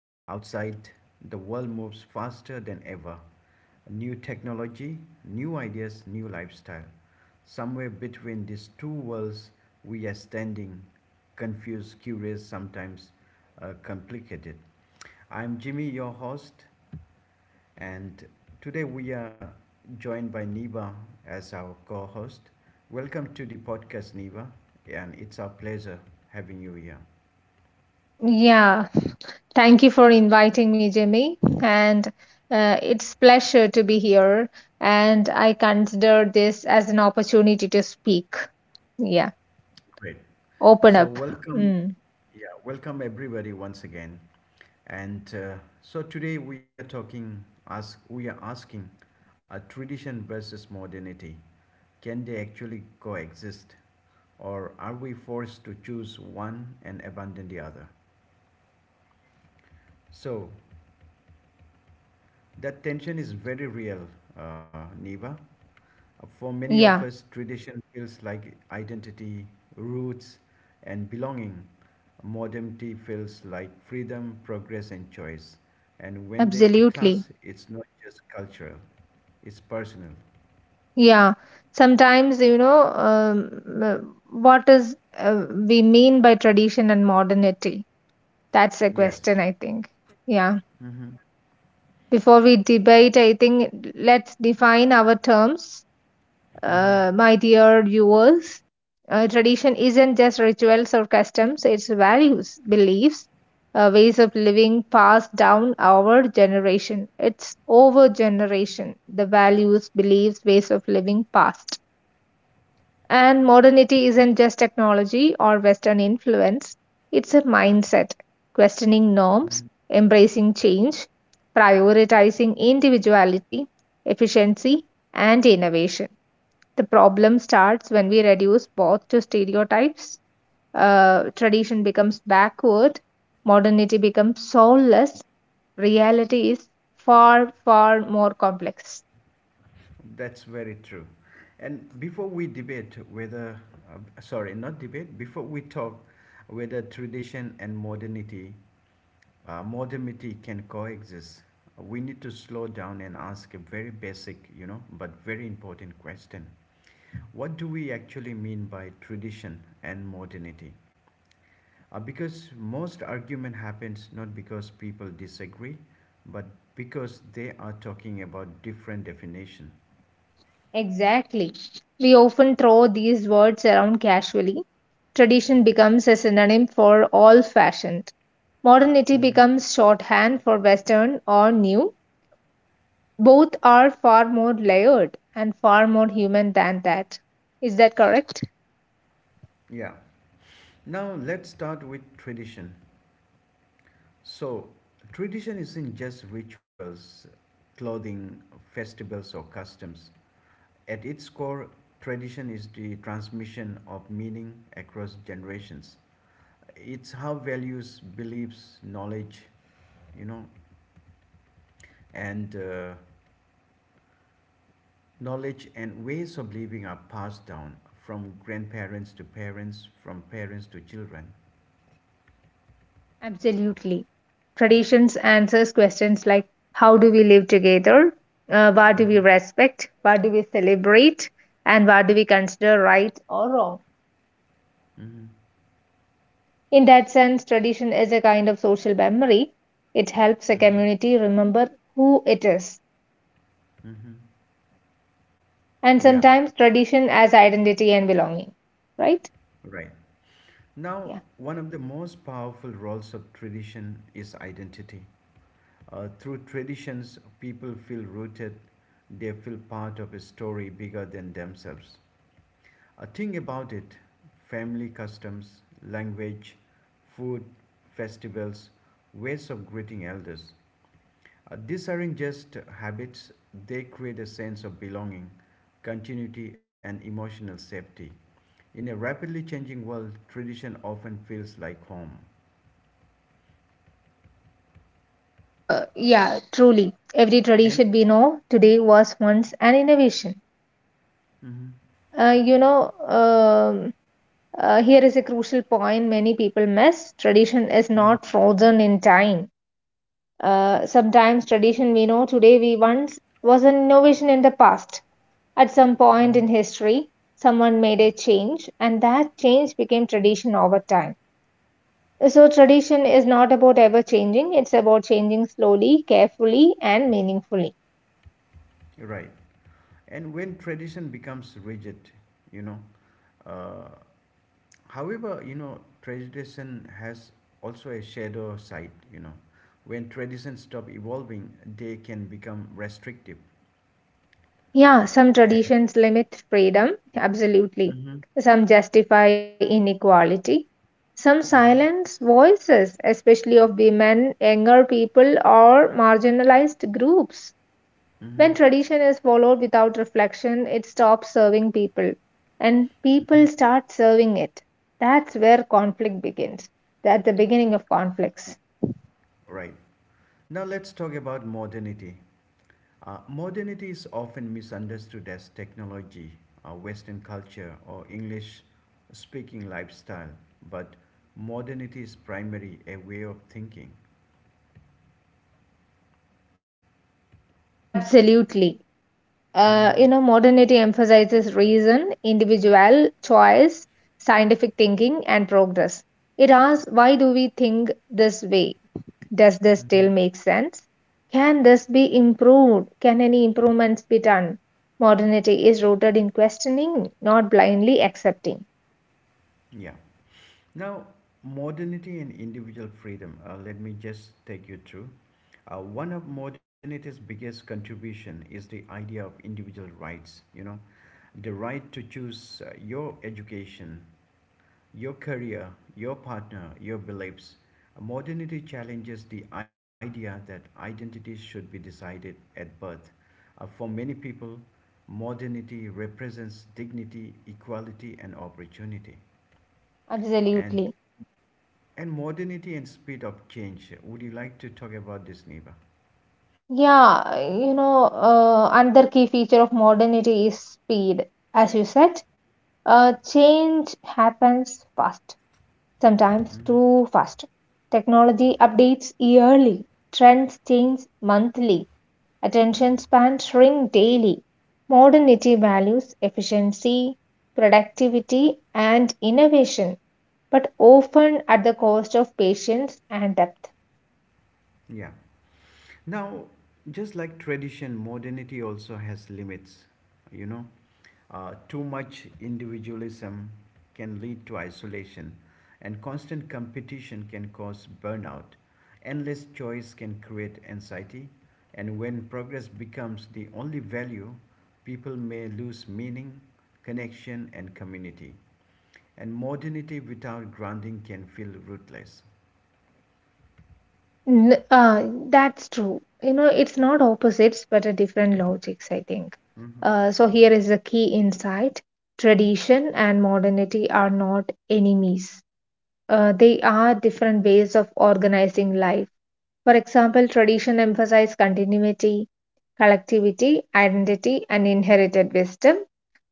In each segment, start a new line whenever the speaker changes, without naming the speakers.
Outside, the world moves faster than ever. New technology, new ideas, new lifestyle. Somewhere between these two worlds, we are standing, confused, curious, sometimes complicated. I'm Jimmy, your host. And today we are joined by Niva as our co host. Welcome to the podcast, Niva, and it's our pleasure having you here.
Yeah, Thank you for inviting me, Jimmy. And It's pleasure to be here. And I consider this as an opportunity to speak. Yeah,
Great.
open
So,
up.
welcome,
Mm.
yeah, welcome everybody once again. And so today we are asking a tradition versus modernity. Can they actually coexist? Or are we forced to choose one and abandon the other? So, that tension is very real, Neva. For many of
Yeah,
us, tradition feels like identity, roots, and belonging. Modernity feels like freedom, progress, and choice. And when they clash,
absolutely.
it's not just cultural, it's personal.
Yeah, sometimes uh, what is we mean by tradition and modernity. That's a
Yes.
question, I think. Yeah.
Mm-hmm.
Before we debate, I think let's define our terms,
Mm-hmm.
my dear viewers. Tradition isn't just rituals or customs, it's values, beliefs, ways of living passed down our generation. It's over generation, the values, beliefs, ways of living passed. And modernity isn't just technology or Western influence, it's a mindset, questioning norms,
Hmm.
embracing change, prioritizing individuality, efficiency, and innovation. The problem starts when we reduce both to stereotypes. Tradition becomes backward, modernity becomes soulless. Reality is far, far more complex.
That's very true. And before we debate whether, sorry, not debate, before we talk whether tradition and modernity can coexist. We need to slow down and ask a very basic, but very important question. What do we actually mean by tradition and modernity? Because most argument happens not because people disagree, but because they are talking about different definition.
Exactly. We often throw these words around casually. Tradition becomes a synonym for old fashioned. Modernity
Hmm.
becomes shorthand for Western or new. Both are far more layered and far more human than that. Is that correct?
Yeah. Now let's start with tradition. So, tradition isn't just rituals, clothing, festivals, or customs. At its core, tradition is the transmission of meaning across generations. It's how values, beliefs, you know, and uh, knowledge and ways of living are passed down from grandparents to parents, from parents to children.
Absolutely. Traditions answers questions like, how do we live together? What do we
Hmm.
respect? What do we celebrate? And what do we consider right or wrong?
Hmm.
In that sense, tradition is a kind of social memory. It helps a
Hmm.
community remember who it is.
Hmm.
And
Yeah,
sometimes tradition as identity and belonging, right?
right. Now,
Yeah.
one of the most powerful roles of tradition is identity. Through traditions, people feel rooted, they feel part of a story bigger than themselves. Think about it: family customs, language, food, festivals, ways of greeting elders. These aren't just habits, they create a sense of belonging, continuity, and emotional safety. In a rapidly changing world, tradition often feels like home.
Yeah, truly. Every
And.
tradition we know today was once an innovation.
Mhm.
Uh, you know, um, Here is a crucial point many people miss: tradition is
Mhm.
not frozen in time. Sometimes tradition we know today we once was an innovation in the past. At some point in
Mhm.
history, someone made a change, and that change became tradition over time. So, tradition is not about ever changing, it's about changing slowly, carefully, and meaningfully.
Right. And when tradition becomes rigid, you know, uh, however, tradition has also a shadow side. When traditions stop evolving, they can become restrictive.
Yeah, some
And.
traditions limit freedom, absolutely.
Mm-hmm.
Some justify inequality. Some
Mm-hmm.
silence voices, especially of women, younger people, or marginalized groups.
Mm-hmm.
When tradition is followed without reflection, it stops serving people, and
Mm-hmm.
people start serving it. That's where conflict begins. That's the beginning of conflicts.
Right. Now let's talk about modernity. Modernity is often misunderstood as technology, Western culture, or English speaking lifestyle, but modernity is primarily a way of thinking.
Absolutely.
Hmm.
You know, modernity emphasizes reason, individual choice, scientific thinking, and progress. It asks, why do we think this way? Does this still
Hmm.
make sense? Can this be improved? Can any improvements be done? Modernity is rooted in questioning, not blindly accepting.
Yeah. Now, modernity and individual freedom. Let me just take you through. One of modernity's biggest contribution is the idea of individual rights. The right to choose your education, your career, your partner, your beliefs. Modernity challenges the idea that identity should be decided at birth. For many people, modernity represents dignity, equality, and opportunity. And
Absolutely.
and modernity and speed of change. Would you like to talk about this, Niva?
Yeah, you know, another key feature of modernity is speed. As you said, change happens fast, sometimes
Mhm.
too fast. Technology updates yearly, trends change monthly, attention spans shrink daily. Modernity values efficiency, productivity, and innovation, but often at the cost of patience and depth.
Yeah. Now, just like tradition, modernity also has limits. You know, Too much individualism can lead to isolation, and constant competition can cause burnout. Endless choice can create anxiety, and when progress becomes the only value, people may lose meaning, connection, and community. And modernity without grounding can feel rootless.
N- uh, that's true. You know, it's not opposites, but a different logics, I think.
Mhm.
So here is a key insight. Tradition and modernity are not enemies. They are different ways of organizing life. For example, tradition emphasizes continuity, collectivity, identity, and inherited wisdom.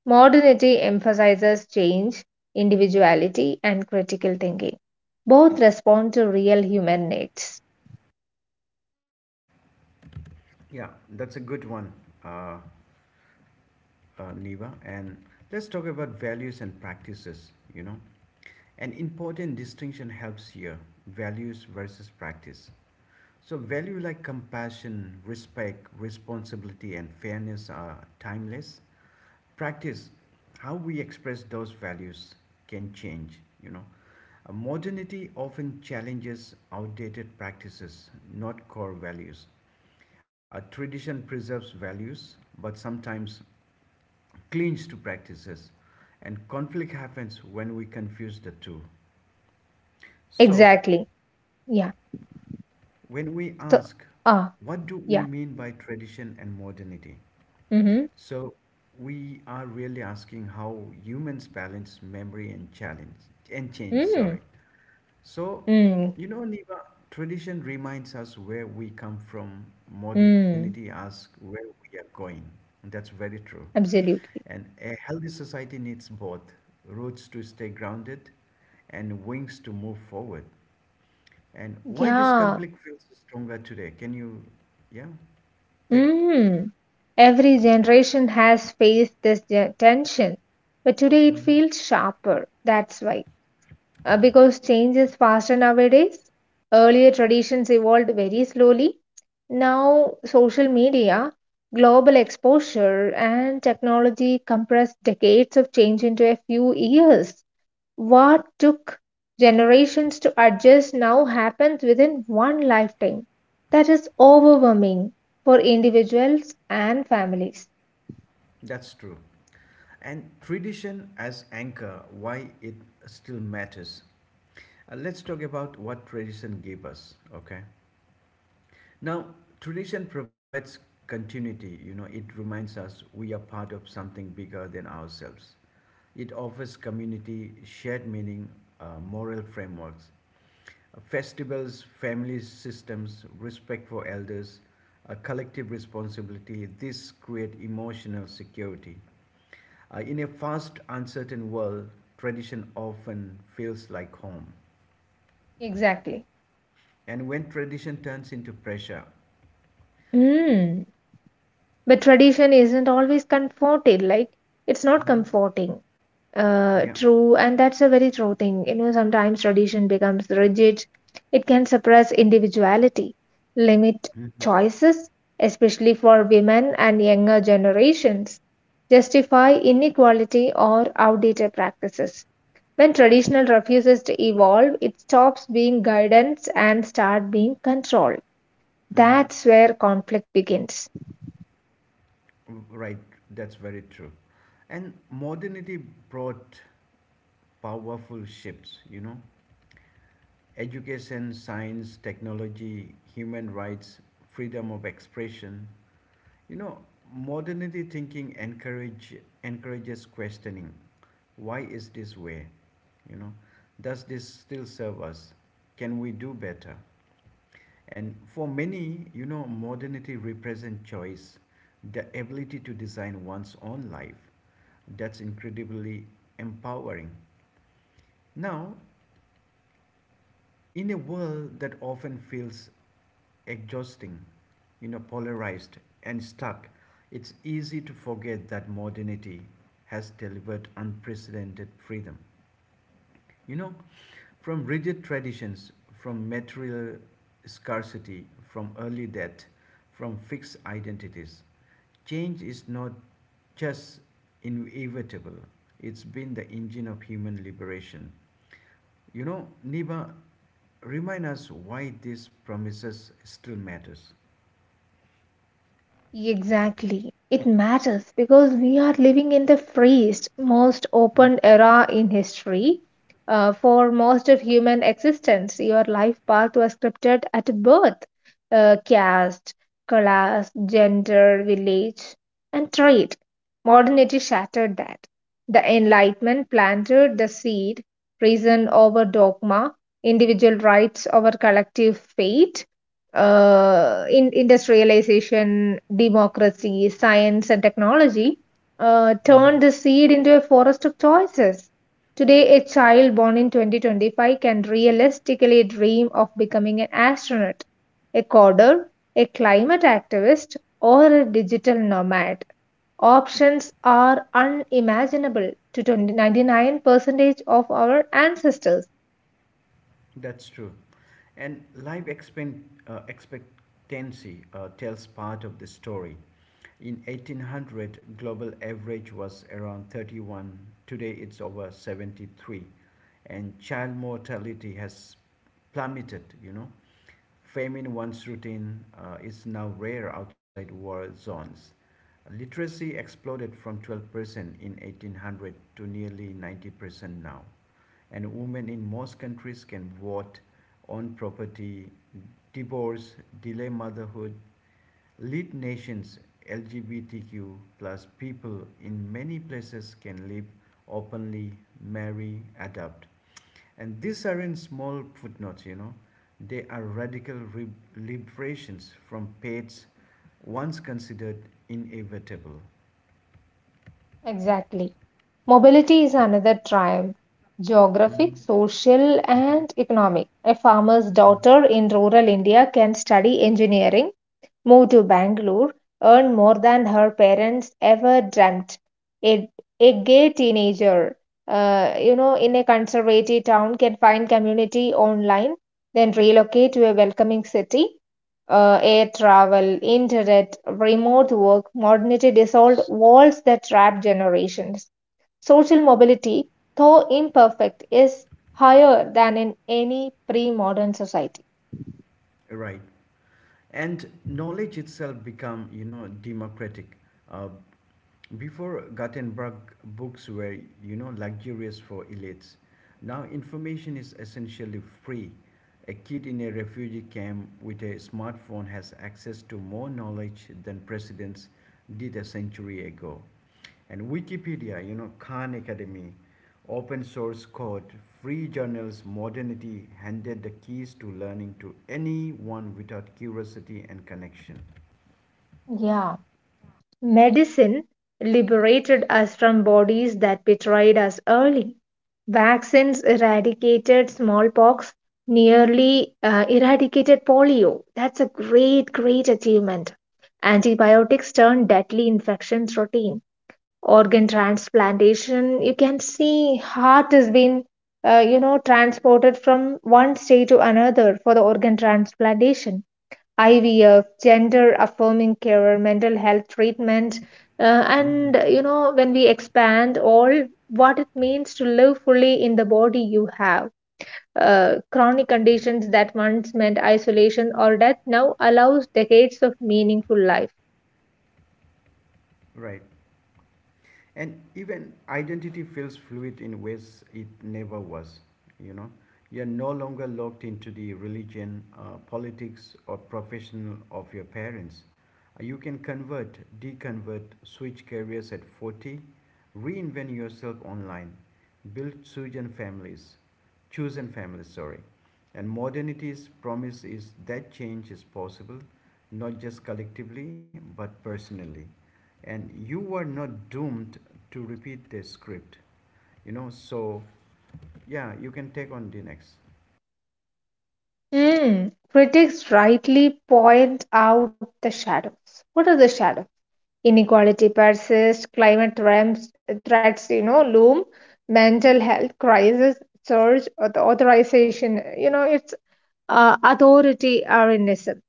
Modernity emphasizes change, individuality, and critical thinking. Both respond to real human needs.
Yeah, that's a good one, uh, Niva. And let's talk about values and practices. An important distinction helps here: values versus practice. So, value like compassion, respect, responsibility, and fairness are timeless. Practice, how we express those values, can change. Modernity often challenges outdated practices, not core values. A tradition preserves values, but sometimes clings to practices, and conflict happens when we confuse the two. So,
Exactly. Yeah.
when we
So,
ask
ah,
what do we
yeah.
mean by tradition and modernity,
Mm-hmm.
so we are really asking how humans balance memory and challenge and change,
Mm,
sorry. So,
mm,
Niva, tradition reminds us where we come from, modernity
mm.
asks where we are going. And that's very true.
Absolutely.
And a healthy society needs both, roots to stay grounded and wings to move forward. And why this
Yeah.
conflict feels stronger today? Can you, yeah, take?
Mm. Every generation has faced this tension, but today it
Hmm.
feels sharper. That's why. Because change is faster nowadays. Earlier traditions evolved very slowly. Now, social media, global exposure, and technology compress decades of change into a few years. What took generations to adjust now happens within one lifetime. That is overwhelming for individuals and families.
That's true. And tradition as anchor, why it still matters. Let's talk about what tradition gave us, okay? Now, tradition provides continuity, it reminds us we are part of something bigger than ourselves. It offers community, shared meaning, moral frameworks. Festivals, family systems, respect for elders, a collective responsibility, this create emotional security. In a fast, uncertain world, tradition often feels like home.
Exactly.
And when tradition turns into pressure.
Mm. But tradition isn't always comforting. Like, it's not
Mhm.
comforting.
Yeah.
True, and that's a very true thing. You know, sometimes tradition becomes rigid. It can suppress individuality, limit
Mm-hmm.
choices, especially for women and younger generations, justify inequality or outdated practices. When traditional refuses to evolve, it stops being guidance and start being control.
Mm-hmm.
That's where conflict begins.
Mm. Right, that's very true. And modernity brought powerful shifts. Education, science, technology, human rights, freedom of expression. You know, Modernity thinking encourages questioning. Why is this way? You know, does this still serve us? Can we do better? And for many, modernity represents choice, the ability to design one's own life. That's incredibly empowering. Now, in a world that often feels exhausting, polarized and stuck, it's easy to forget that modernity has delivered unprecedented freedom. You know, from rigid traditions, from material scarcity, from early death, from fixed identities. Change is not just inevitable, it's been the engine of human liberation. Niba, remind us why these promises still matters.
Exactly. It matters because we are living in the freest, most open era in history. For most of human existence, your life path was scripted at birth, caste, class, gender, village, and trade. Modernity shattered that. The Enlightenment planted the seed, reason over dogma, individual rights over collective fate, in industrialization, democracy, science, and technology,
Mm-hmm.
turned the seed into a forest of choices. Today, a child born in 2025 can realistically dream of becoming an astronaut, a coder, a climate activist, or a digital nomad. Options are unimaginable to 99% of our ancestors.
That's true. And life expectancy tells part of the story. In 1800, global average was around 31. Today it's over 73. And child mortality has plummeted. Fame in one's routine is now rare outside war zones. Literacy exploded from 12% in 1800 to nearly 90% now, and women in most countries can vote, own property, divorce, delay motherhood, lead nations. LGBTQ plus people in many places can live openly, marry, adopt, and these are in small footnotes. They are radical liberations from paths once considered inevitable.
Exactly. Mobility is another triumph, geographic,
Mhm.
social, and economic. A farmer's daughter in rural India can study engineering, move to Bangalore, earn more than her parents ever dreamt. A, a gay teenager, you know, in a conservative town can find community online, then relocate to a welcoming city. Air travel, internet, remote work, modernity dissolved walls that trap generations. Social mobility, though imperfect, is higher than in any pre modern society.
Right. And knowledge itself become, democratic. Uh, Before Gothenburg, books were, luxurious for elites. Now information is essentially free. A kid in a refugee camp with a smartphone has access to more knowledge than presidents did a century ago. And Wikipedia, Khan Academy, open source code, free journals, modernity handed the keys to learning to anyone without curiosity and connection.
Yeah. Medicine liberated us from bodies that betrayed us early. Vaccines eradicated smallpox, nearly eradicated polio. That's a great, great achievement. Antibiotics turned deadly infections routine. Organ transplantation, you can see heart has been, you know, transported from one state to another for the organ transplantation, IVF, gender affirming care, mental health treatment,
Hmm.
and you know, when we expand all what it means to live fully in the body you have, chronic conditions that once meant isolation or death now allows decades of meaningful life.
Right. And even identity feels fluid in ways it never was. you know you're no longer locked into the religion, politics or profession of your parents. You can convert, deconvert, switch careers at 40, reinvent yourself online, build chosen families, sorry. And modernity's promise is that change is possible, not just collectively but personally. And you were not doomed to repeat the script. So, yeah, you can take on the next.
Hmm. Critics rightly point out the shadows. What are the shadows? Inequality persists, climate threats, threats, you know, loom, mental health crisis surge, authorization. You know, it's authoritarianism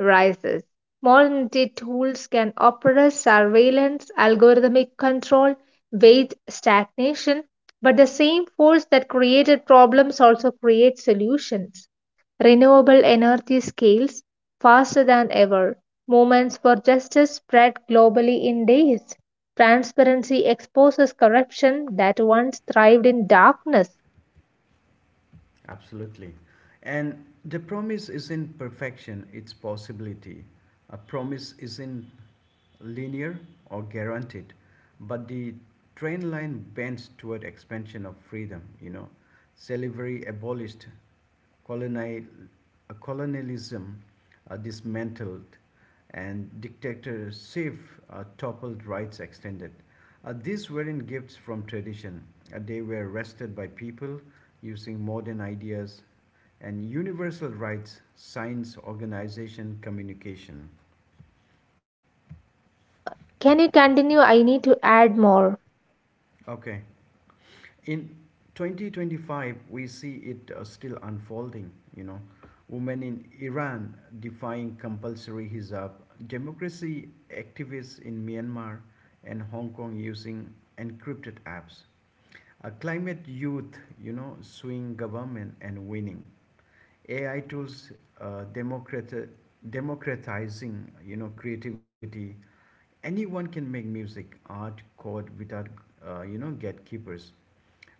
rises. Modern tools can oppress surveillance, algorithmic control, wage stagnation, but the same force that created problems also creates solutions. Renewable energy scales faster than ever. Movements for justice spread globally in days. Transparency exposes corruption that once thrived in darkness.
Absolutely. And the promise isn't perfection, it's possibility. A promise isn't linear or guaranteed, but the train line bends toward expansion of freedom. Slavery abolished, colonial, colonialism dismantled, and dictatorship toppled, rights extended. These weren't gifts from tradition, they were wrested by people using modern ideas and universal rights, science, organization, communication.
Yeah, can you continue? I need to add more.
Okay, in 2025 we see it still unfolding. Women in Iran defying compulsory hijab, democracy activists in Myanmar and Hong Kong using encrypted apps, a climate youth, suing government and winning. AI tools, uh, democrat- democratizing, creativity. Anyone can make music, art, code without, gatekeepers.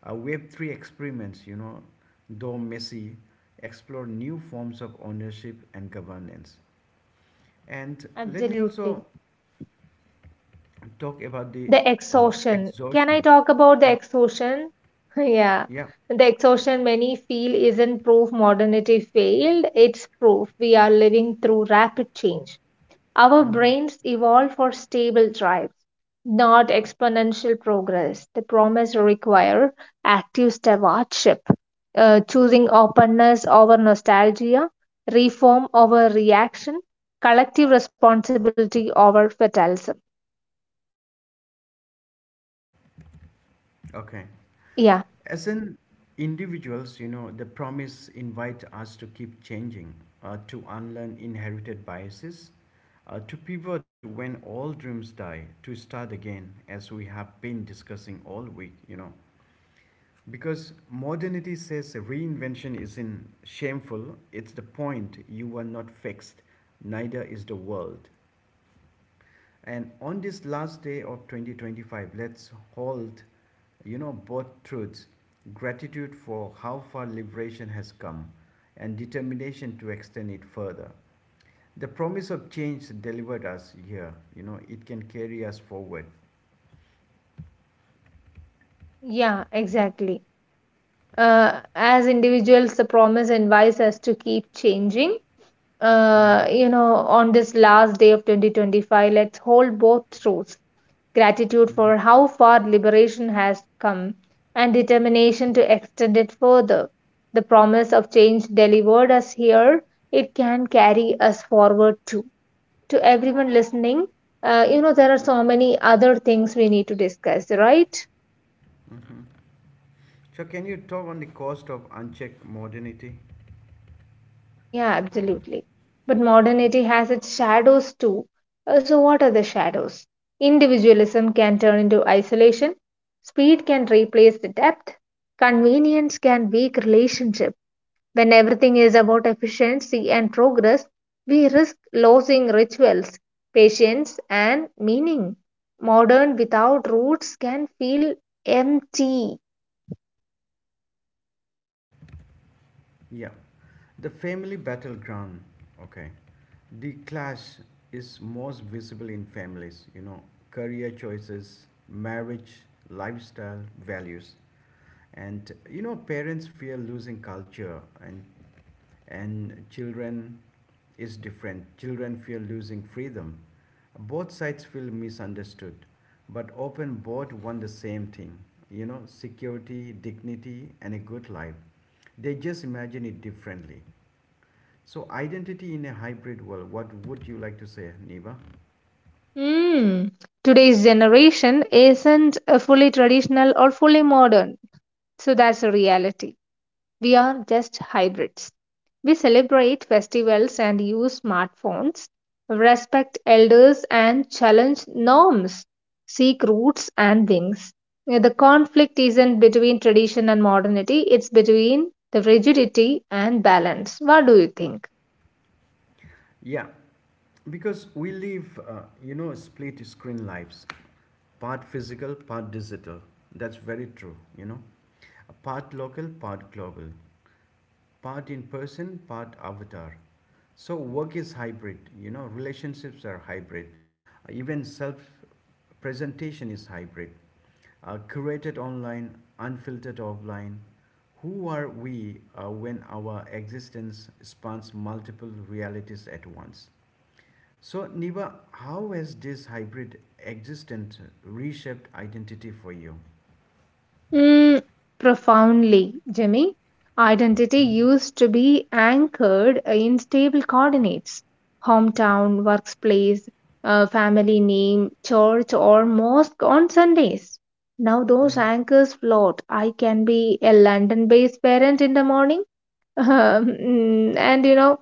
Web3 experiments, though messy, explore new forms of ownership and governance. And let me
Absolutely.
also talk about the
The exhaustion. Can I
exhaustion.
talk about the
Okay.
exhaustion? Yeah.
Yeah.
The exhaustion many feel isn't proof modernity failed, it's proof we are living through rapid change. Our
Mm-hmm.
brains evolve for stable drives, not exponential progress. The promise require active stewardship, choosing openness over nostalgia, reform over reaction, collective responsibility over fatalism.
Okay.
Yeah.
As an individuals, the promise invite us to keep changing, to unlearn inherited biases, to pivot when all dreams die, to start again, as we have been discussing all week. Because modernity says reinvention isn't shameful, it's the point you are not fixed, neither is the world. And on this last day of 2025, let's hold, both truths: gratitude for how far liberation has come and determination to extend it further. The promise of change delivered us here, it can carry us forward.
Yeah, exactly. As individuals, the promise invites us to keep changing.
Hmm.
You know, on this last day of 2025, let's hold both truths, gratitude for
Hmm.
how far liberation has come and determination to extend it further. The promise of change delivered us here, it can carry us forward too. To everyone listening, you know, there are so many other things we need to discuss, right?
So, can you talk on the cost of unchecked modernity?
Yeah, absolutely. But modernity has its shadows too. So, what are the shadows? Individualism can turn into isolation, speed can replace the depth, convenience can weaken relationship. When everything is about efficiency and progress, we risk losing rituals, patience, and meaning. Modern without roots can feel empty.
Yeah. The family battleground. Okay. The clash is most visible in families, career choices, marriage, lifestyle, values. And parents fear losing culture and children is different. Children fear losing freedom. Both sides feel misunderstood, but often both want the same thing, security, dignity and a good life. They just imagine it differently. So, identity in a hybrid world, what would you like to say, Neva?
Hmm. Today's generation isn't fully traditional or fully modern, so that's a reality. We are just hybrids. We celebrate festivals and use smartphones, respect elders and challenge norms, seek roots and wings. The conflict isn't between tradition and modernity, it's between the rigidity and balance. What do you think?
Yeah, because we live, split screen lives, part physical, part digital. That's very true, part local, part global. Part in person, part avatar. So work is hybrid, relationships are hybrid. Even self presentation is hybrid. Curated online, unfiltered offline. Who are we when our existence spans multiple realities at once? So, Niva, how has this hybrid existence reshaped identity for you?
Mm, profoundly, Jimmy. Identity
Mhm,
used to be anchored in stable coordinates, hometown, workplace, family name, church, or mosque on Sundays. Now those
mhm,
anchors float. I can be a London based parent in the morning, and you know,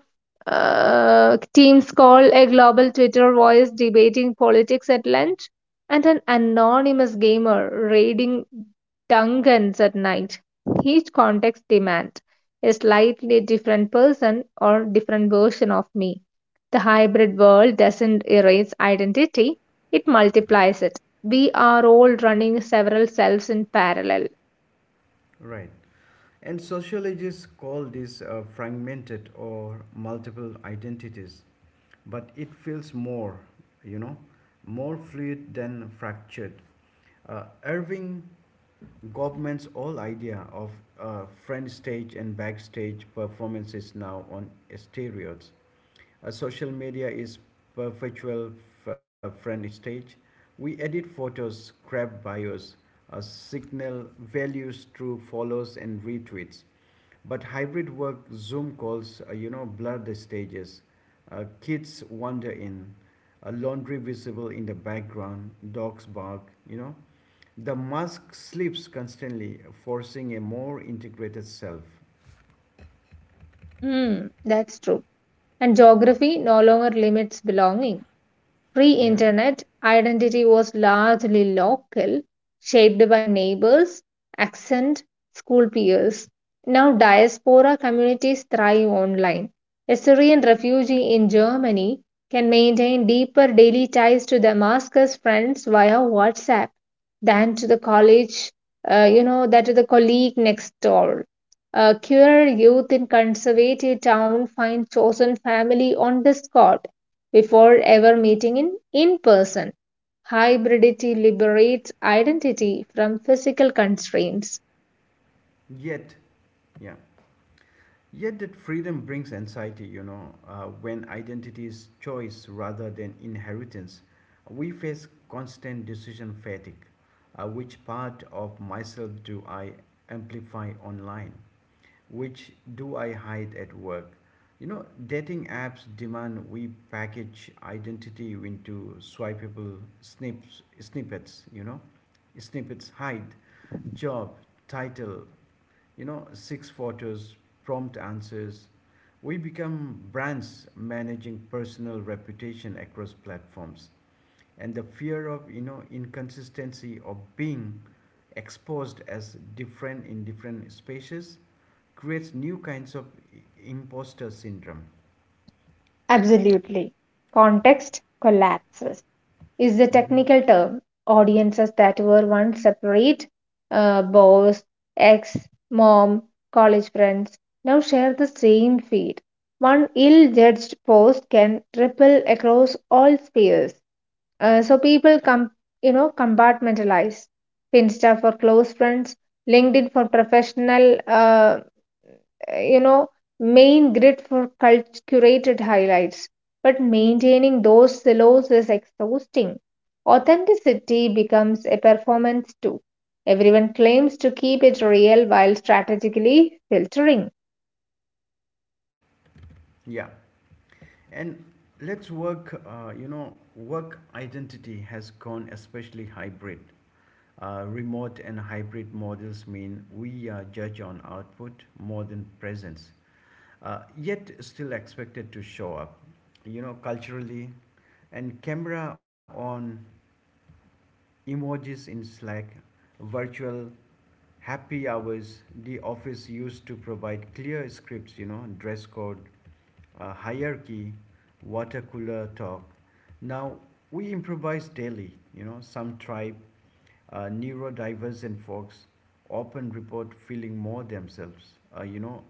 teams call a global Twitter voice debating politics at lunch, and an anonymous gamer raiding Dungeons at night. Each context demands a slightly different person or different version of me. The hybrid world doesn't erase identity, it multiplies it. We are all running several selves in parallel.
Right. And sociologists call this fragmented or multiple identities, but it feels more, you know, more fluid than fractured. Irving Goffman's whole idea of front stage and backstage performances now on steroids. Social media is perpetual front stage. We edit photos, grab bios, signal values through follows and retweets. But hybrid work, Zoom calls, blur the stages. Kids wander in, laundry visible in the background, dogs bark, you know. The mask slips constantly, forcing a more integrated self.
Hmm, that's true. And geography no longer limits belonging. Pre
Yeah.
internet, identity was largely local, shaped by neighbors, accent, school peers. Now, diaspora communities thrive online. A Syrian refugee in Germany can maintain deeper daily ties to Damascus friends via WhatsApp than to the college, you know, that to the colleague next door. Queer youth in conservative town find chosen family on Discord before ever meeting in person. Hybridity liberates identity from physical constraints.
Yet, yeah. Yet that freedom brings anxiety, when identity is choice rather than inheritance. We face constant decision fatigue. Which part of myself do I amplify online? Which do I hide at work? You know, dating apps demand we package identity into swipeable snippets, hide, job, title, you know, six photos, prompt answers. We become brands managing personal reputation across platforms. And the fear of, you know, inconsistency of being exposed as different in different spaces creates new kinds of imposter syndrome.
Absolutely. Context collapses is the
Hmm.
technical term. Audiences that were once separate, boss, ex, mom, college friends, now share the same feed. One ill judged post can ripple across all spheres. So people, you know, compartmentalize Finsta for close friends, LinkedIn for professional, you know, main grid for curated highlights. But maintaining those silos is exhausting. Authenticity becomes a performance too. Everyone claims to keep it real while strategically filtering.
Yeah. And let's work, you know, work identity has gone especially hybrid. Remote and hybrid models mean we are judged on output more than presence, yet still expected to show up, you know, culturally. And camera on emojis in Slack, virtual happy hours, the office used to provide clear scripts, you know, dress code, hierarchy, water cooler talk. Now we improvise daily, you know, some tribe, neurodivergent folks often report feeling more themselves,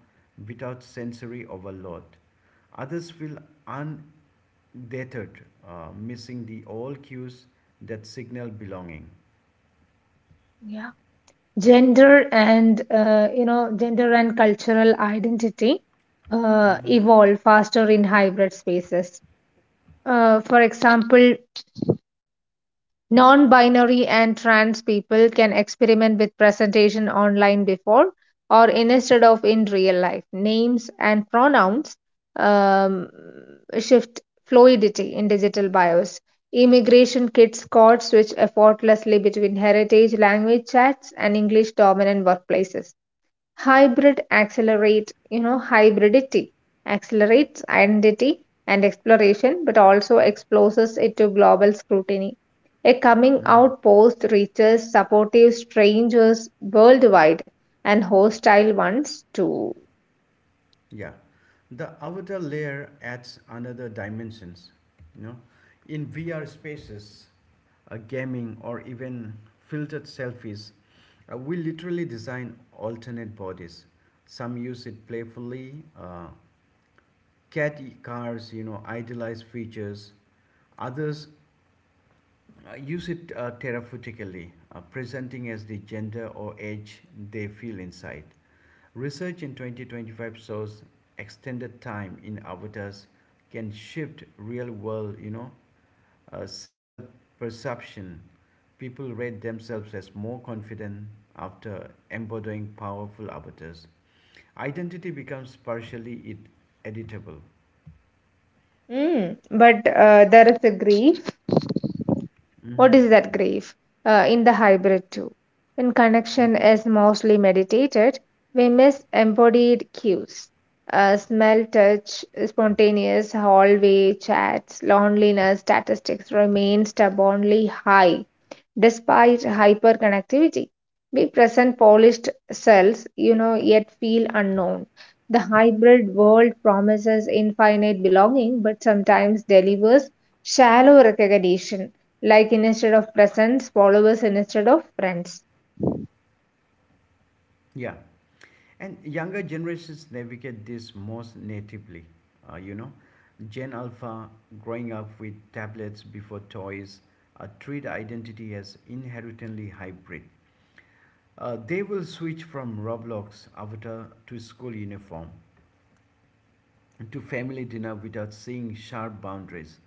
without sensory overload. Others feel undeterred, missing the all cues that signal belonging.
Gender and gender and cultural identity evolve faster in hybrid spaces. For example, non-binary and trans people can experiment with presentation online before or instead of in real life. Names and pronouns, um, shift, fluidity in digital bios. Immigration kids code switch effortlessly between heritage language chats and english dominant workplaces. Hybridity accelerates identity and exploration, but also exposes it to global scrutiny. A coming
Mm-hmm.
out post reaches supportive strangers worldwide, and hostile ones too.
Yeah, the avatar layer adds another dimensions. You know, in VR spaces, gaming, or even filtered selfies, we literally design alternate bodies. Some use it playfully, catty cars, you know, idealized features. Others use it therapeutically, presenting as the gender or age they feel inside. Research in 2025 shows extended time in avatars can shift real world, self perception. People rate themselves as more confident after embodying powerful avatars. Identity becomes partially it editable.
Mm, but there is a grief.
hmm
What is that grief? In the hybrid too. When connection
hmm
is mostly meditated, we miss embodied cues. Smell, touch, spontaneous hallway chats, loneliness statistics remain stubbornly high. Despite hyperconnectivity, we present polished cells, yet feel unknown. The hybrid world promises infinite belonging, but sometimes delivers shallow recognition, like instead of presence, followers instead of friends.
Yeah. And younger generations navigate this most natively. Uh, you know, Gen Alpha, growing up with tablets before toys, treat identity as inherently hybrid. They will switch from Roblox avatar to school uniform to family dinner without seeing sharp boundaries.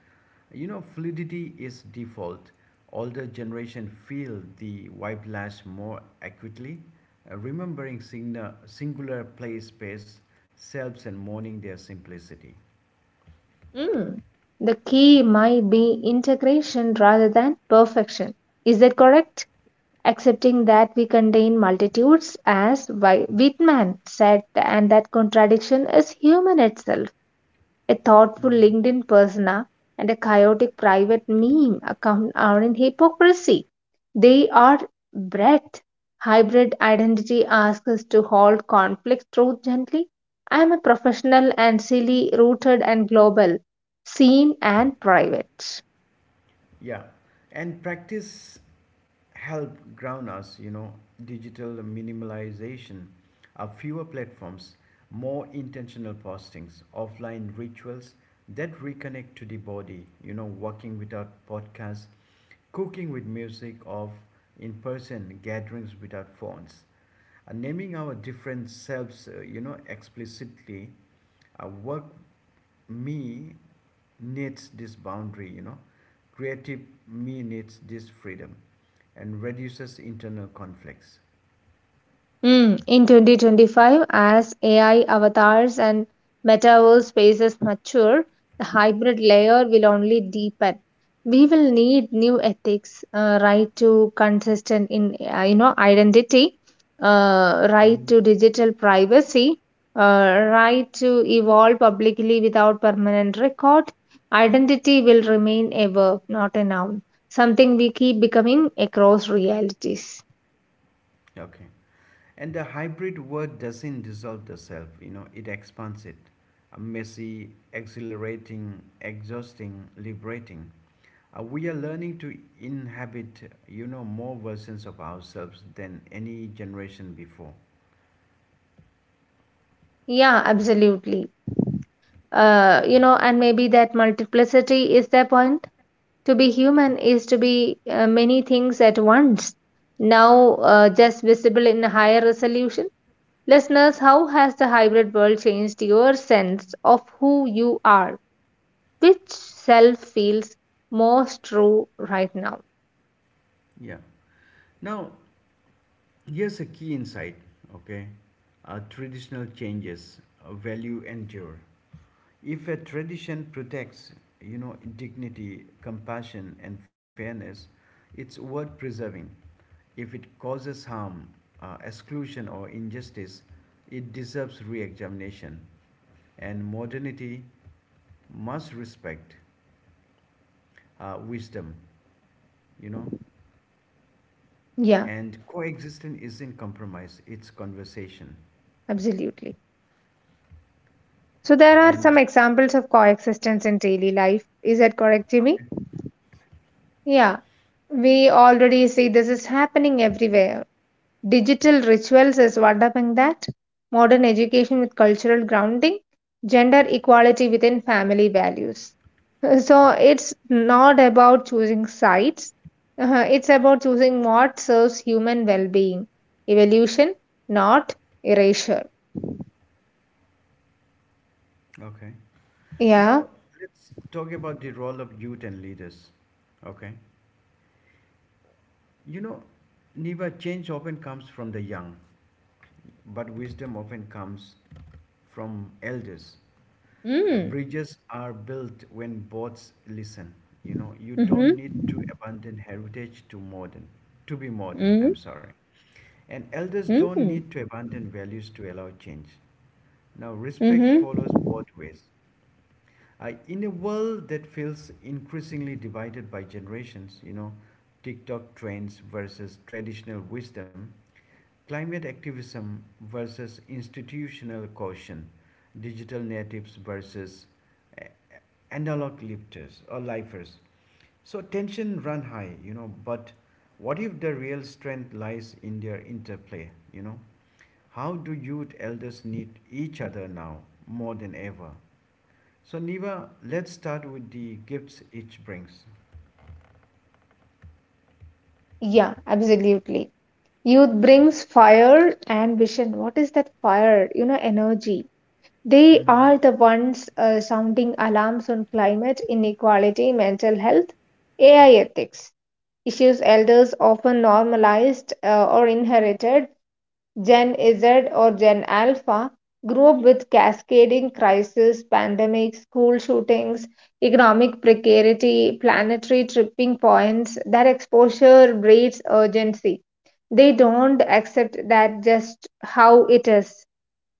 You know, fluidity is default. Older generation feel the whiplash more acutely, remembering singular place, space, selves, and mourning their simplicity.
Mm. The key might be integration rather than perfection. Is that correct? Accepting that we contain multitudes, as Whitman said, and that contradiction is human itself, a thoughtful LinkedIn persona, and a chaotic private meme account are in hypocrisy. They are breadth. Hybrid identity asks us to halt conflict truth gently. I am a professional and silly, rooted and global, seen and private.
Yeah, and practice help ground us. You know, digital minimalization, are fewer platforms, more intentional postings, offline rituals that reconnect to the body. You know, walking without podcasts, cooking with music, of in person gatherings without phones. Naming our different selves, explicitly, work me needs this boundary, you know, creative me needs this freedom and reduces internal conflicts.
Mm, in 2025, as AI avatars and metaverse spaces mature, the hybrid layer will only deepen. We will need new ethics: right to consistent in identity, right
Mhm.
to digital privacy, right to evolve publicly without permanent record. Identity will remain a verb, not a noun. Something we keep becoming across realities.
Okay. And the hybrid word doesn't dissolve the self, you know, it expands it. Messy, exhilarating, exhausting, liberating. We are learning to inhabit, you know, more versions of ourselves than any generation before.
Yeah, absolutely. And maybe that multiplicity is the point. To be human is to be many things at once, now just visible in a higher resolution. Listeners, how has the hybrid world changed your sense of who you are? Which self feels most true right now?
Yeah. Now, here's a key insight, okay? Traditional changes, value endure. If a tradition protects, you know, dignity, compassion, and fairness, it's worth preserving. If it causes harm, exclusion, or injustice, it deserves re examination. And modernity must respect wisdom, you know,
Yeah,
and coexistence isn't compromise, it's conversation.
absolutely. So there are some
And
examples of coexistence in daily life. Is that correct, Jimmy? Yeah. We already see this is happening everywhere. Digital rituals is what having that. Modern education with cultural grounding. Gender equality within family values. So it's not about choosing sides. It's about choosing what serves human well-being. Evolution, not erasure.
okay,
Yeah,
now let's talk about the role of youth and leaders. Okay, you know, Niva, change often comes from the young, but wisdom often comes from elders. Bridges are built when boats listen. You know, you don't need to abandon heritage to modern, to be modern. I'm sorry. And elders don't need to abandon values to allow change. Now, respect follows both ways. In a world that feels increasingly divided by generations, you know, TikTok trends versus traditional wisdom, climate activism versus institutional caution, digital natives versus eh, eh, analog lifters or lifers. So tension run high, you know, but what if the real strength lies in their interplay, you know? How do youth elders need each other now more than ever? So Niva, let's start with the gifts each brings.
yeah, absolutely. Youth brings fire and vision. What is that fire? You know, energy. They
Mm-hmm.
are the ones sounding alarms on climate inequality, mental health, AI ethics, issues elders often normalized or inherited. Gen Z or Gen Alpha grew up with cascading crises, pandemics, school shootings, economic precarity, planetary tripping points. Their exposure breeds urgency. They don't accept that just how it is.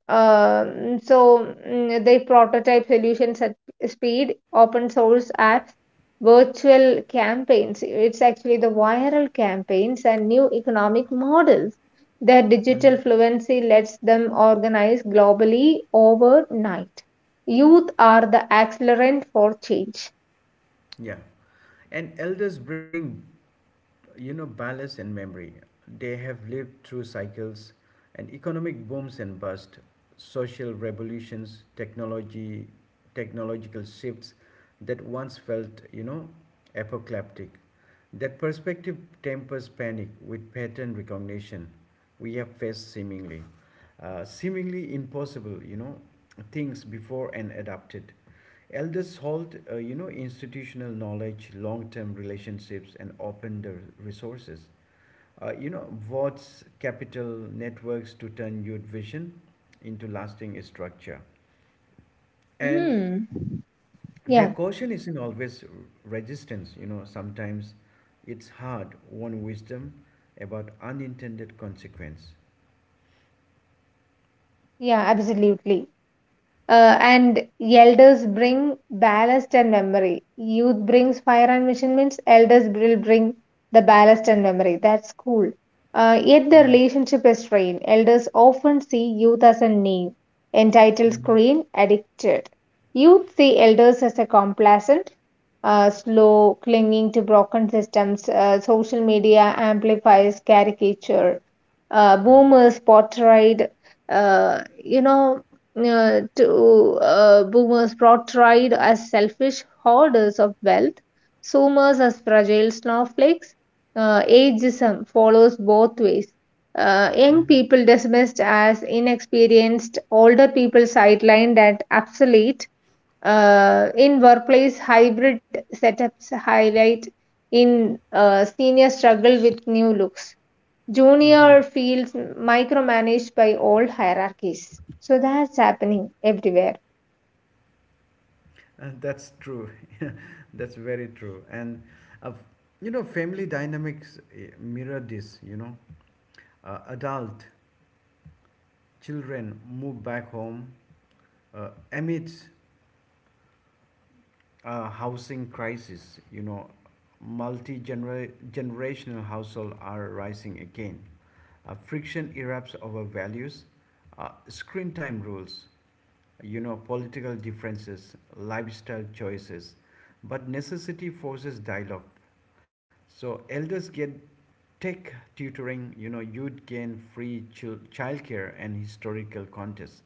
So they prototype solutions at speed, open source apps, virtual campaigns. It's actually the viral campaigns and new economic models. Their
Mm-hmm.
digital fluency lets them organize globally overnight. Youth are the accelerant for change.
Yeah. And elders bring you know, ballast and memory. They have lived through cycles and economic booms and busts, social revolutions, technological shifts that once felt, you know, apocalyptic. That perspective tempers panic with pattern recognition we have faced seemingly. Seemingly impossible, you know, things before and adapted. Elders hold, institutional knowledge, long-term relationships, and open the resources. You know, what's capital networks to turn youth vision into lasting structure. And
Mm.
their
Yeah,
caution isn't always resistance. You know, sometimes it's hard won wisdom about unintended consequence.
yeah, absolutely. And elders bring ballast and memory. Youth brings fire and mission means elders will bring the ballast and memory. That's cool. Yet the
Mm-hmm.
relationship is strained. Elders often see youth as a knave, entitled,
Mm-hmm.
screen, addicted. Youth see elders as a complacent, slow, clinging to broken systems. Social media amplifies caricature. Boomers portrayed, you know to Boomers portrayed as selfish hoarders of wealth, zoomers as fragile snowflakes. Ageism follows both ways. Young
Mm-hmm.
people dismissed as inexperienced, older people sidelined and obsolete. In workplace, hybrid setups highlight in senior struggle with new looks,
Mm-hmm.
junior feels micromanaged by old hierarchies. So that's happening everywhere.
And that's true. That's very true. Uh, you know, family dynamics mirror this, you know. Adult children move back home amid a housing crisis, you know. Multi generational households are rising again. Friction erupts over values, screen time rules, you know, political differences, lifestyle choices. But necessity forces dialogue. So elders get tech tutoring, you know, you'd gain free childcare and historical contests.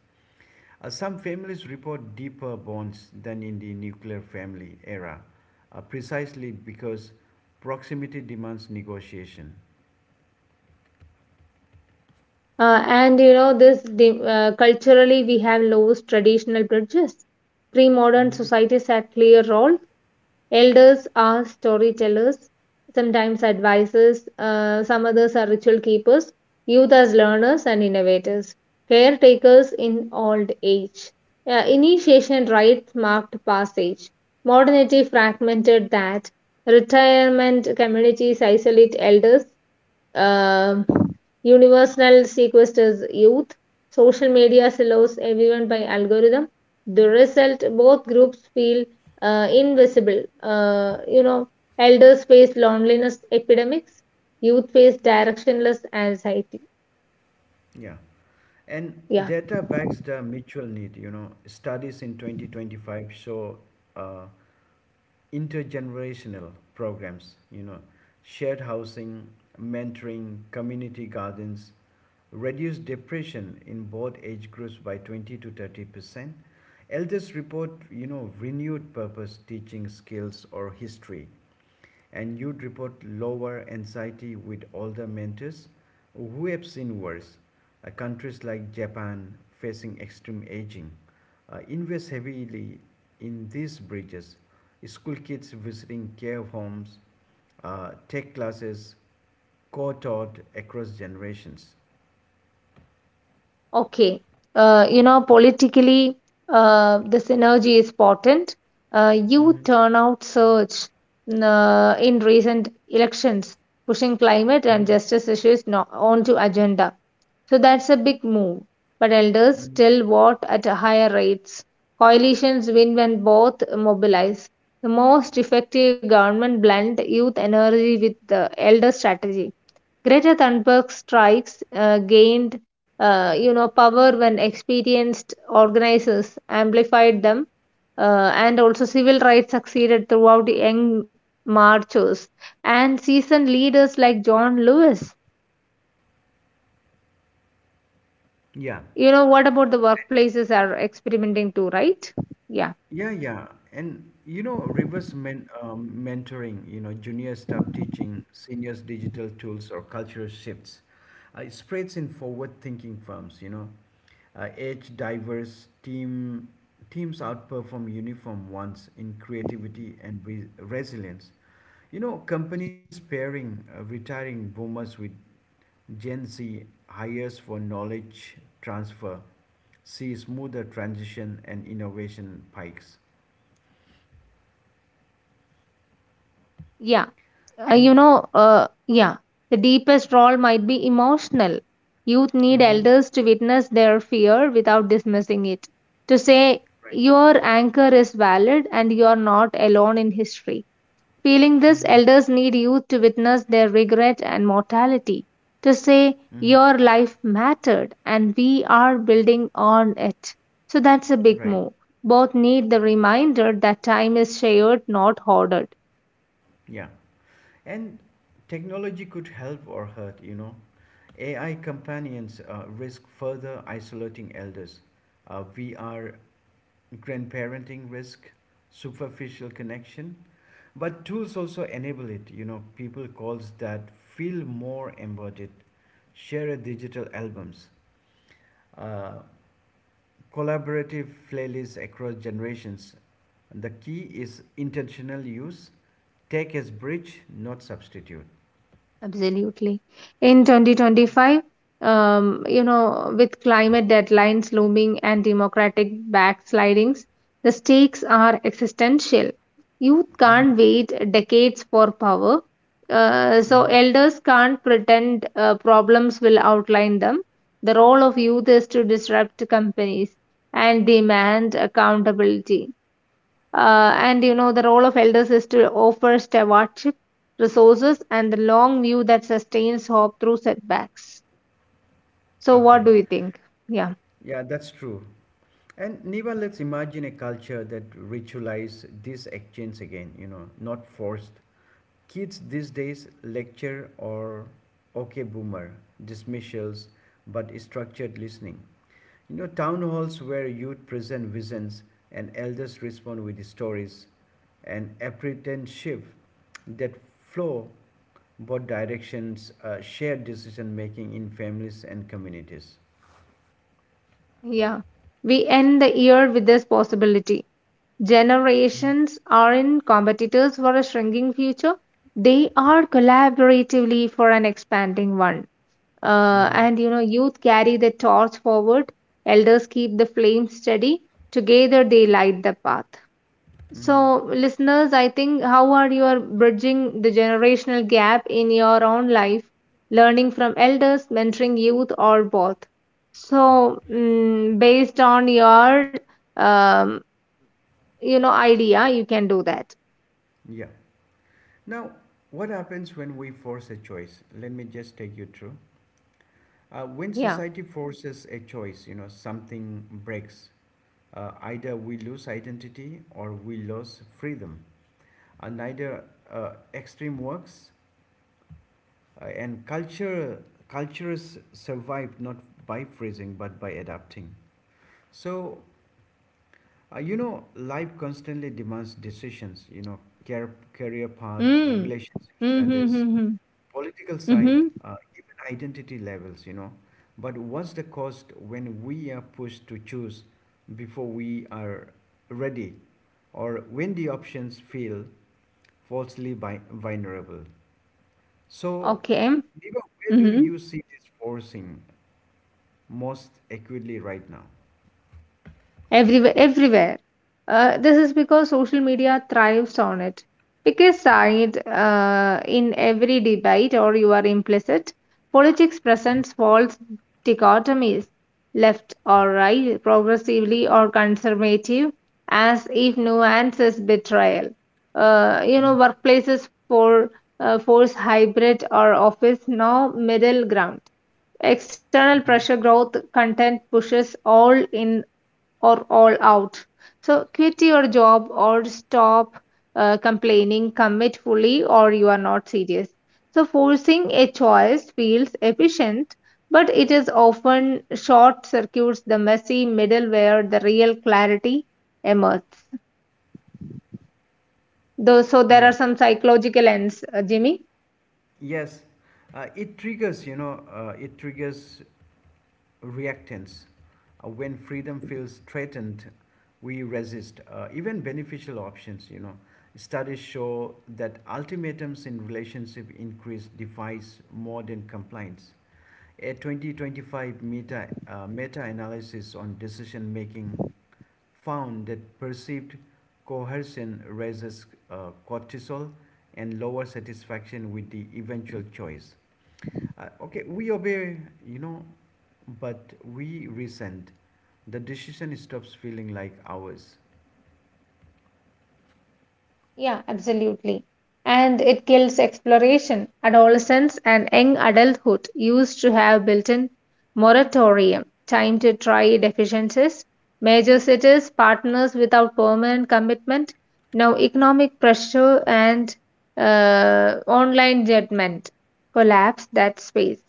Some families report deeper bonds than in the nuclear family era, precisely because proximity demands negotiation.
And you know this the, Culturally we have lost traditional bridges. Pre-modern
hmm
societies had clear role. Elders are storytellers, sometimes advisors, some others are ritual keepers, youth as learners and innovators, caretakers in old age. Initiation rites marked passage. Modernity fragmented that. Retirement communities isolate elders, um, universal sequesters youth. Social media allows everyone by algorithm. The result, both groups feel invisible. Elders face loneliness epidemics, youth face directionless anxiety.
Yeah. And
Yeah.
data backs the mutual need. You know, studies in 2025 show uh, intergenerational programs, you know, shared housing, mentoring, community gardens, reduced depression in both age groups by 20 to 30%. Elders report, you know, renewed purpose, teaching skills, or history, and you'd report lower anxiety with older mentors who have seen worse. Countries like Japan facing extreme aging invest heavily in these bridges. School kids visiting care homes, tech classes, co taught across generations.
Okay. Politically, the synergy is potent. Youth
hmm
turnout surge in recent elections, pushing climate and
hmm
justice issues onto agenda. So that's a big move. But elders
Mm,
still vote at higher rates. Coalitions win when both mobilize. The most effective government blend youth energy with the elder strategy. Greta Thunberg's strikes gained power when experienced organizers amplified them, and also civil rights succeeded throughout the young marchers and seasoned leaders like John Lewis.
Yeah,
You know what, about the workplaces are experimenting too, right? Yeah,
yeah, yeah. And you know, reverse mentoring, you know, junior staff teaching, seniors digital tools or cultural shifts, it spreads in forward-thinking firms. Age-diverse teams outperform uniform ones in creativity and re resilience. You know, companies pairing retiring boomers with Gen Z hires for knowledge transfer, see smoother transition and innovation pikes.
yeah. uh, you
And
know uh, yeah the deepest role might be emotional. Youth need
mhm,
elders to witness their fear without dismissing it, to say
Right.
your anchor is valid and you are not alone in history feeling this.
Mhm,
Elders need youth to witness their regret and mortality, to say
mhm.
your life mattered and we are building on it. So that's a big
Right.
move. Both need the reminder that time is shared, not hoarded.
Yeah. And technology could help or hurt, you know. AI companions risk further isolating elders. VR grandparenting risk, superficial connection, but tools also enable it. You know, people calls that feel more embodied. Share a digital albums, uh, collaborative playlists across generations. The key is intentional use. Take as bridge, not substitute.
Absolutely. In 2025, with climate deadlines looming and democratic backslidings, the stakes are existential. Youth can't wait decades for power. So
Mhm.
elders can't pretend problems will outline them. The role of youth is to disrupt companies and demand accountability. The role of elders is to offer stewardship, resources, and the long view that sustains hope through setbacks. So, what
Okay.
do you think? Yeah,
Yeah, that's true. And Niva, let's imagine a culture that ritualize this exchange again, you know, not forced, kids these days lecture or okay boomer, dismissals, but structured listening. You know, town halls where youth present visions and elders respond with stories and apprenticeship that flow both directions, shared decision making in families and communities.
yeah. We end the year with this possibility. Generations aren't competitors for a shrinking future, they are collaboratively for an expanding one.
Mm-hmm.
Youth carry the torch forward, elders keep the flame steady, together they light the path.
Mm-hmm.
So, listeners, I think how are you bridging the generational gap in your own life, learning from elders, mentoring youth, or both? So, based on your um, idea, you can do that.
Yeah. Now, what happens when we force a choice? Let me just take you through. When
Yeah.
society forces a choice, you know, something breaks. Either we lose identity or we lose freedom. Neither extreme works. And cultures survive not by freezing but by adapting. So, you know, life constantly demands decisions, you know, care, career path,
Mm.
relationship
Mm-hmm.
status,
Mm-hmm.
political side,
Mm-hmm.
even identity levels, you know. But what's the cost when we are pushed to choose before we are ready, or when the options feel falsely vulnerable? So,
Okay.
Diva, where do
Mm-hmm.
you see this forcing most acutely right now?
Everywhere, this is because social media thrives on it. Pick a side in every debate or you are implicit. Politics
Mm,
presents false dichotomies, left or right, progressively or conservative, as if nuance is betrayal.
mm,
Workplaces force hybrid or office, no middle ground. External
mhm.
pressure growth content pushes all in or all out. So quit your job or stop complaining, commit fully, or you are not serious. So forcing a choice feels efficient, but it is often short circuits the messy middle where the real clarity emerges. Though, so there are
Yeah.
some psychological ends, Jimmy.
Yes. Uh, it triggers, you know, it triggers reactants. When freedom feels threatened, we resist even beneficial options. You know, studies show that ultimatums in relationship increase defies modern compliance. A 2025 meta-analysis on decision making found that perceived coercion raises cortisol and lower satisfaction with the eventual choice. Okay, we obey, you know, but we resent the decision stops feeling like ours.
Yeah, absolutely. And it kills exploration. Adolescence and young adulthood used to have built in moratorium, time to try deficiencies. Major cities, partners without permanent commitment, now economic pressure and online judgment collapse that space.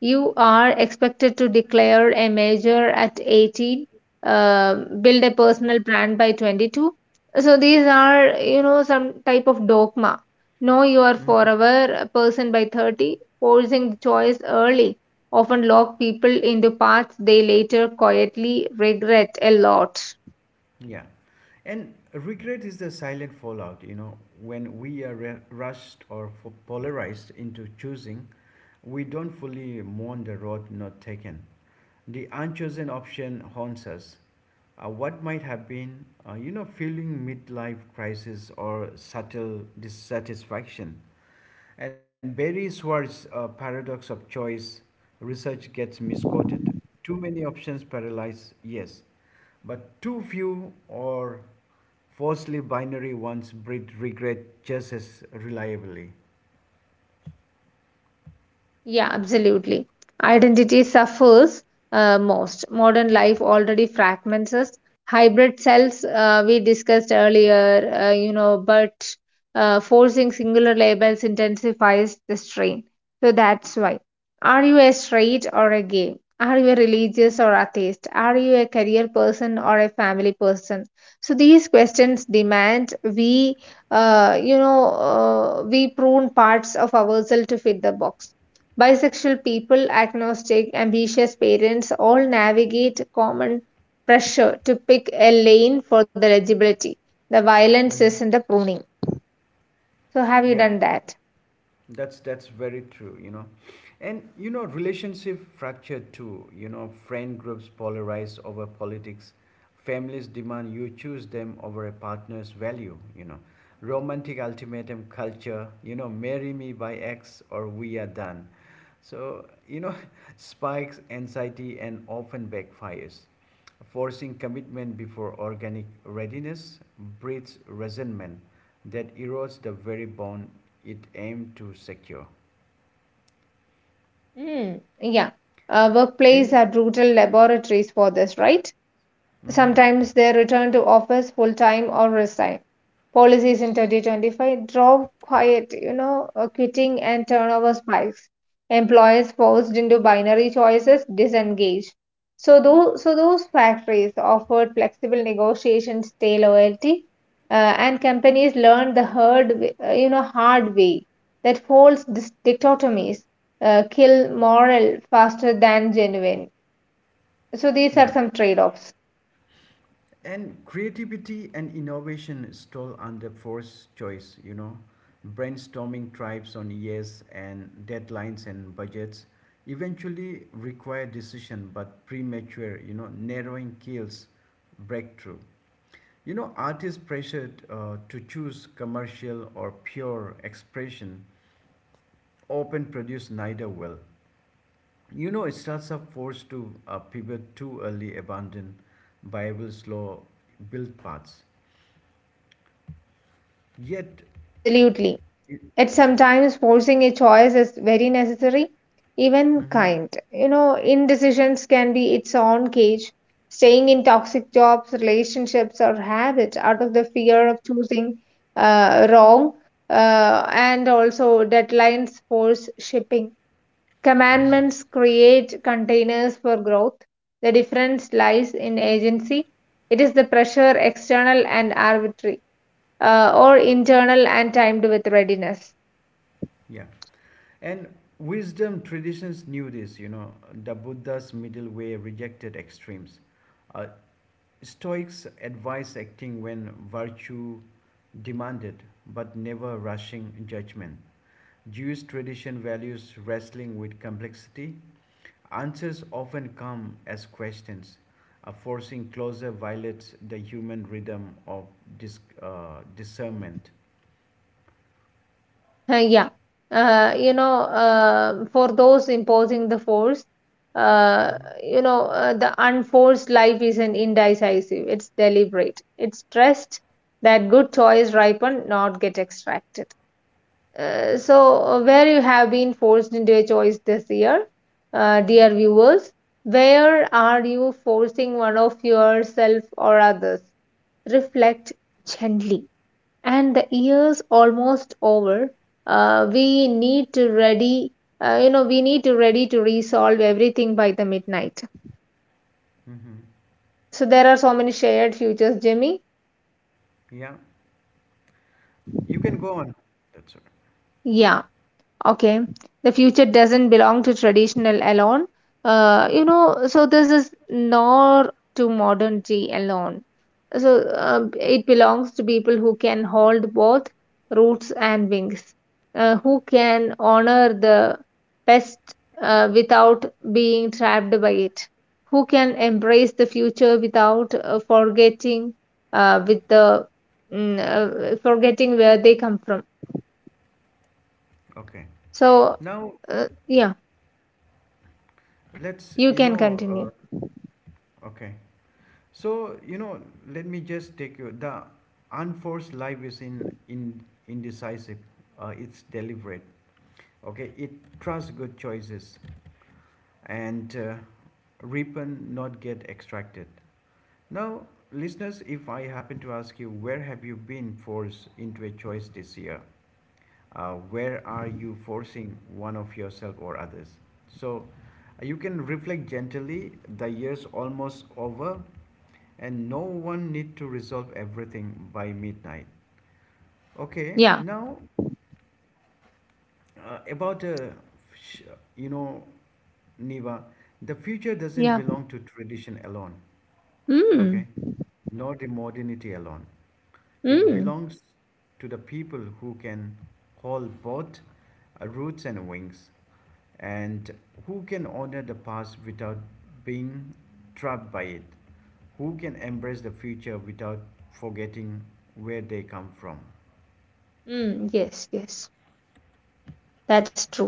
You are expected to declare a major at 18, uh, build a personal brand by 22, so these are, some type of dogma. No, you are
Mm,
forever a person by 30, forcing the choice early, often lock people into paths they later quietly regret a lot.
Yeah. And regret is the silent fallout, you know, when we are rushed or polarized into choosing, we don't fully mourn the road not taken. The unchosen option haunts us. What might have been, you know, feeling midlife crisis or subtle dissatisfaction. And Barry Schwartz's paradox of choice research gets misquoted. Too many options paralyze, yes, but too few or falsely binary ones breed regret just as reliably.
Yeah, absolutely. Identity suffers most. Modern life already fragments us. Hybrid cells, we discussed earlier, you know, but forcing singular labels intensifies the strain. So that's why. Are you a straight or a gay? Are you a religious or atheist? Are you a career person or a family person? So these questions demand we prune parts of ourselves to fit the box. Bisexual people, agnostic, ambitious parents all navigate common pressure to pick a lane for the eligibility. The violence isn't
Mhm.
the pruning. So, have you
Yeah.
done that?
That's very true, you know. And you know, relationship fractured too, you know, friend groups polarize over politics, families demand you choose them over a partner's value, you know. Romantic ultimatum culture, you know, marry me by X or we are done. So, you know, spikes anxiety and often backfires. Forcing commitment before organic readiness breeds resentment that erodes the very bond it aimed to secure.
Hmm. Yeah. Workplace
And
are brutal laboratories for this, right?
mhm,
Sometimes they return to office full time or resign. Policies in 2025 drove quiet, quitting and turnover spikes. Employees forced into binary choices disengaged. So those factories offered flexible negotiations, stay loyalty, and companies learned the hard, w- you know, hard way that false dichotomies kill moral faster than genuine. So these are
yeah,
some trade-offs.
and creativity and innovation stole under forced choice. You know, brainstorming tribes on years and deadlines and budgets eventually require decision, but premature. You know, narrowing kills breakthrough. You know, artists pressured to choose commercial or pure expression often produce neither well. You know, starts are forced to pivot too early, abandon Bible's law, build paths. Yet,
Absolutely.
it,
At sometimes forcing a choice is very necessary, even kind. You know, indecisions can be its own cage. Staying in toxic jobs, relationships, or habits out of the fear of choosing wrong, and also deadlines force shipping. Commandments create containers for growth. The difference lies in agency. It is the pressure external and arbitrary, or internal and timed with readiness.
yeah, and wisdom traditions knew this. You know, the Buddha's middle way rejected extremes. Uh, Stoics advised acting when virtue demanded, but never rushing judgment. Jewish tradition values wrestling with complexity, answers often come as questions, a forcing closure violates the human rhythm of discernment.
Uh, yeah, for those imposing the force, uh,
Mhm.
the unforced life isn't indecisive. It's deliberate. It's trust that good choice ripen, not get extracted. So, where you have been forced into a choice this year, dear viewers, where are you forcing one of yourself or others? Reflect gently, and the year's almost over. We need to ready to resolve everything by the midnight.
Mm-hmm.
So there are so many shared futures, Jimmy.
Yeah, you can go on. That's all
Yeah. Okay, the future doesn't belong to traditional alone. So this is nor to modernity alone. So it belongs to people who can hold both roots and wings, who can honor the past without being trapped by it, who can embrace the future without forgetting uh, with the forgetting where they come from.
right. Okay.
So
Now
uh, yeah.
let's,
You
you
can
know,
continue.
okay. So you know, let me just take you. The unforced life is in indecisive. It's deliberate. Okay, it trusts good choices and reap and not get extracted. Now, listeners, if I happen to ask you, where have you been forced into a choice this year? Where are you forcing one of yourself or others? So, you can reflect gently. The year's almost over, and no one need to resolve everything by midnight. Okay,
Yeah,
now about sh- you know, Niva, the future doesn't
yeah.
belong to tradition alone.
Mm,
Okay, nor the modernity alone. It
mm,
belongs to the people who can hold both roots and wings and who can honor the past without being trapped by it, who can embrace the future without forgetting where they come from.
mm. Yes, yes. That's true.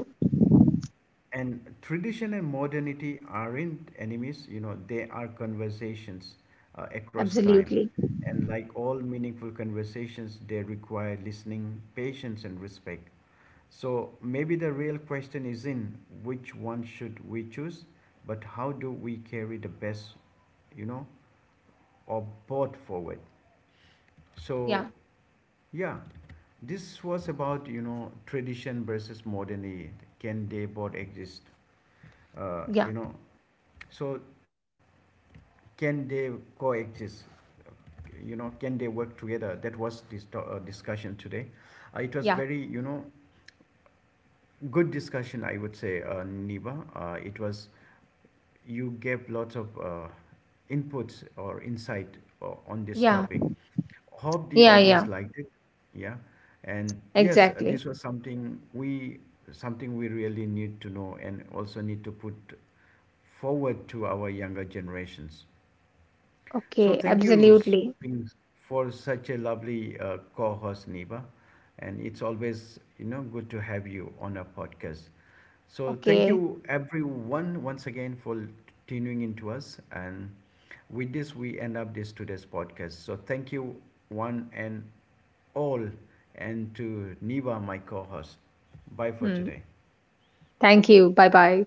And tradition and modernity aren't enemies, you know, they are conversations across time.
Absolutely.
And like all meaningful conversations, they require listening, patience, and respect. So maybe the real question is in which one should we choose, but how do we carry the best, you know, or both forward.
Yeah,
So yeah, this was about you know tradition versus modernity. Can they both exist?
yeah,
You know, so can they coexist? You know, can they work together? That was this discussion today. It was
yeah,
very you know good discussion, I would say, Niba. It was You gave lots of inputs or insight on this
yeah,
topic. Hope the
yeah,
audience
yeah.
liked it. Yeah, and yes,
Exactly.
this was something we really need to know and also need to put forward to our younger generations. So
Okay,
thank you
absolutely.
in- for such a lovely co-host, Niba, and it's always you know good to have you on our podcast. So thank
Okay.
you everyone once again for tuning into us, and with this we end up this today's podcast. So thank you one and all, and to Niva, my co-host. Bye for
Hmm.
today.
Thank you. Bye bye.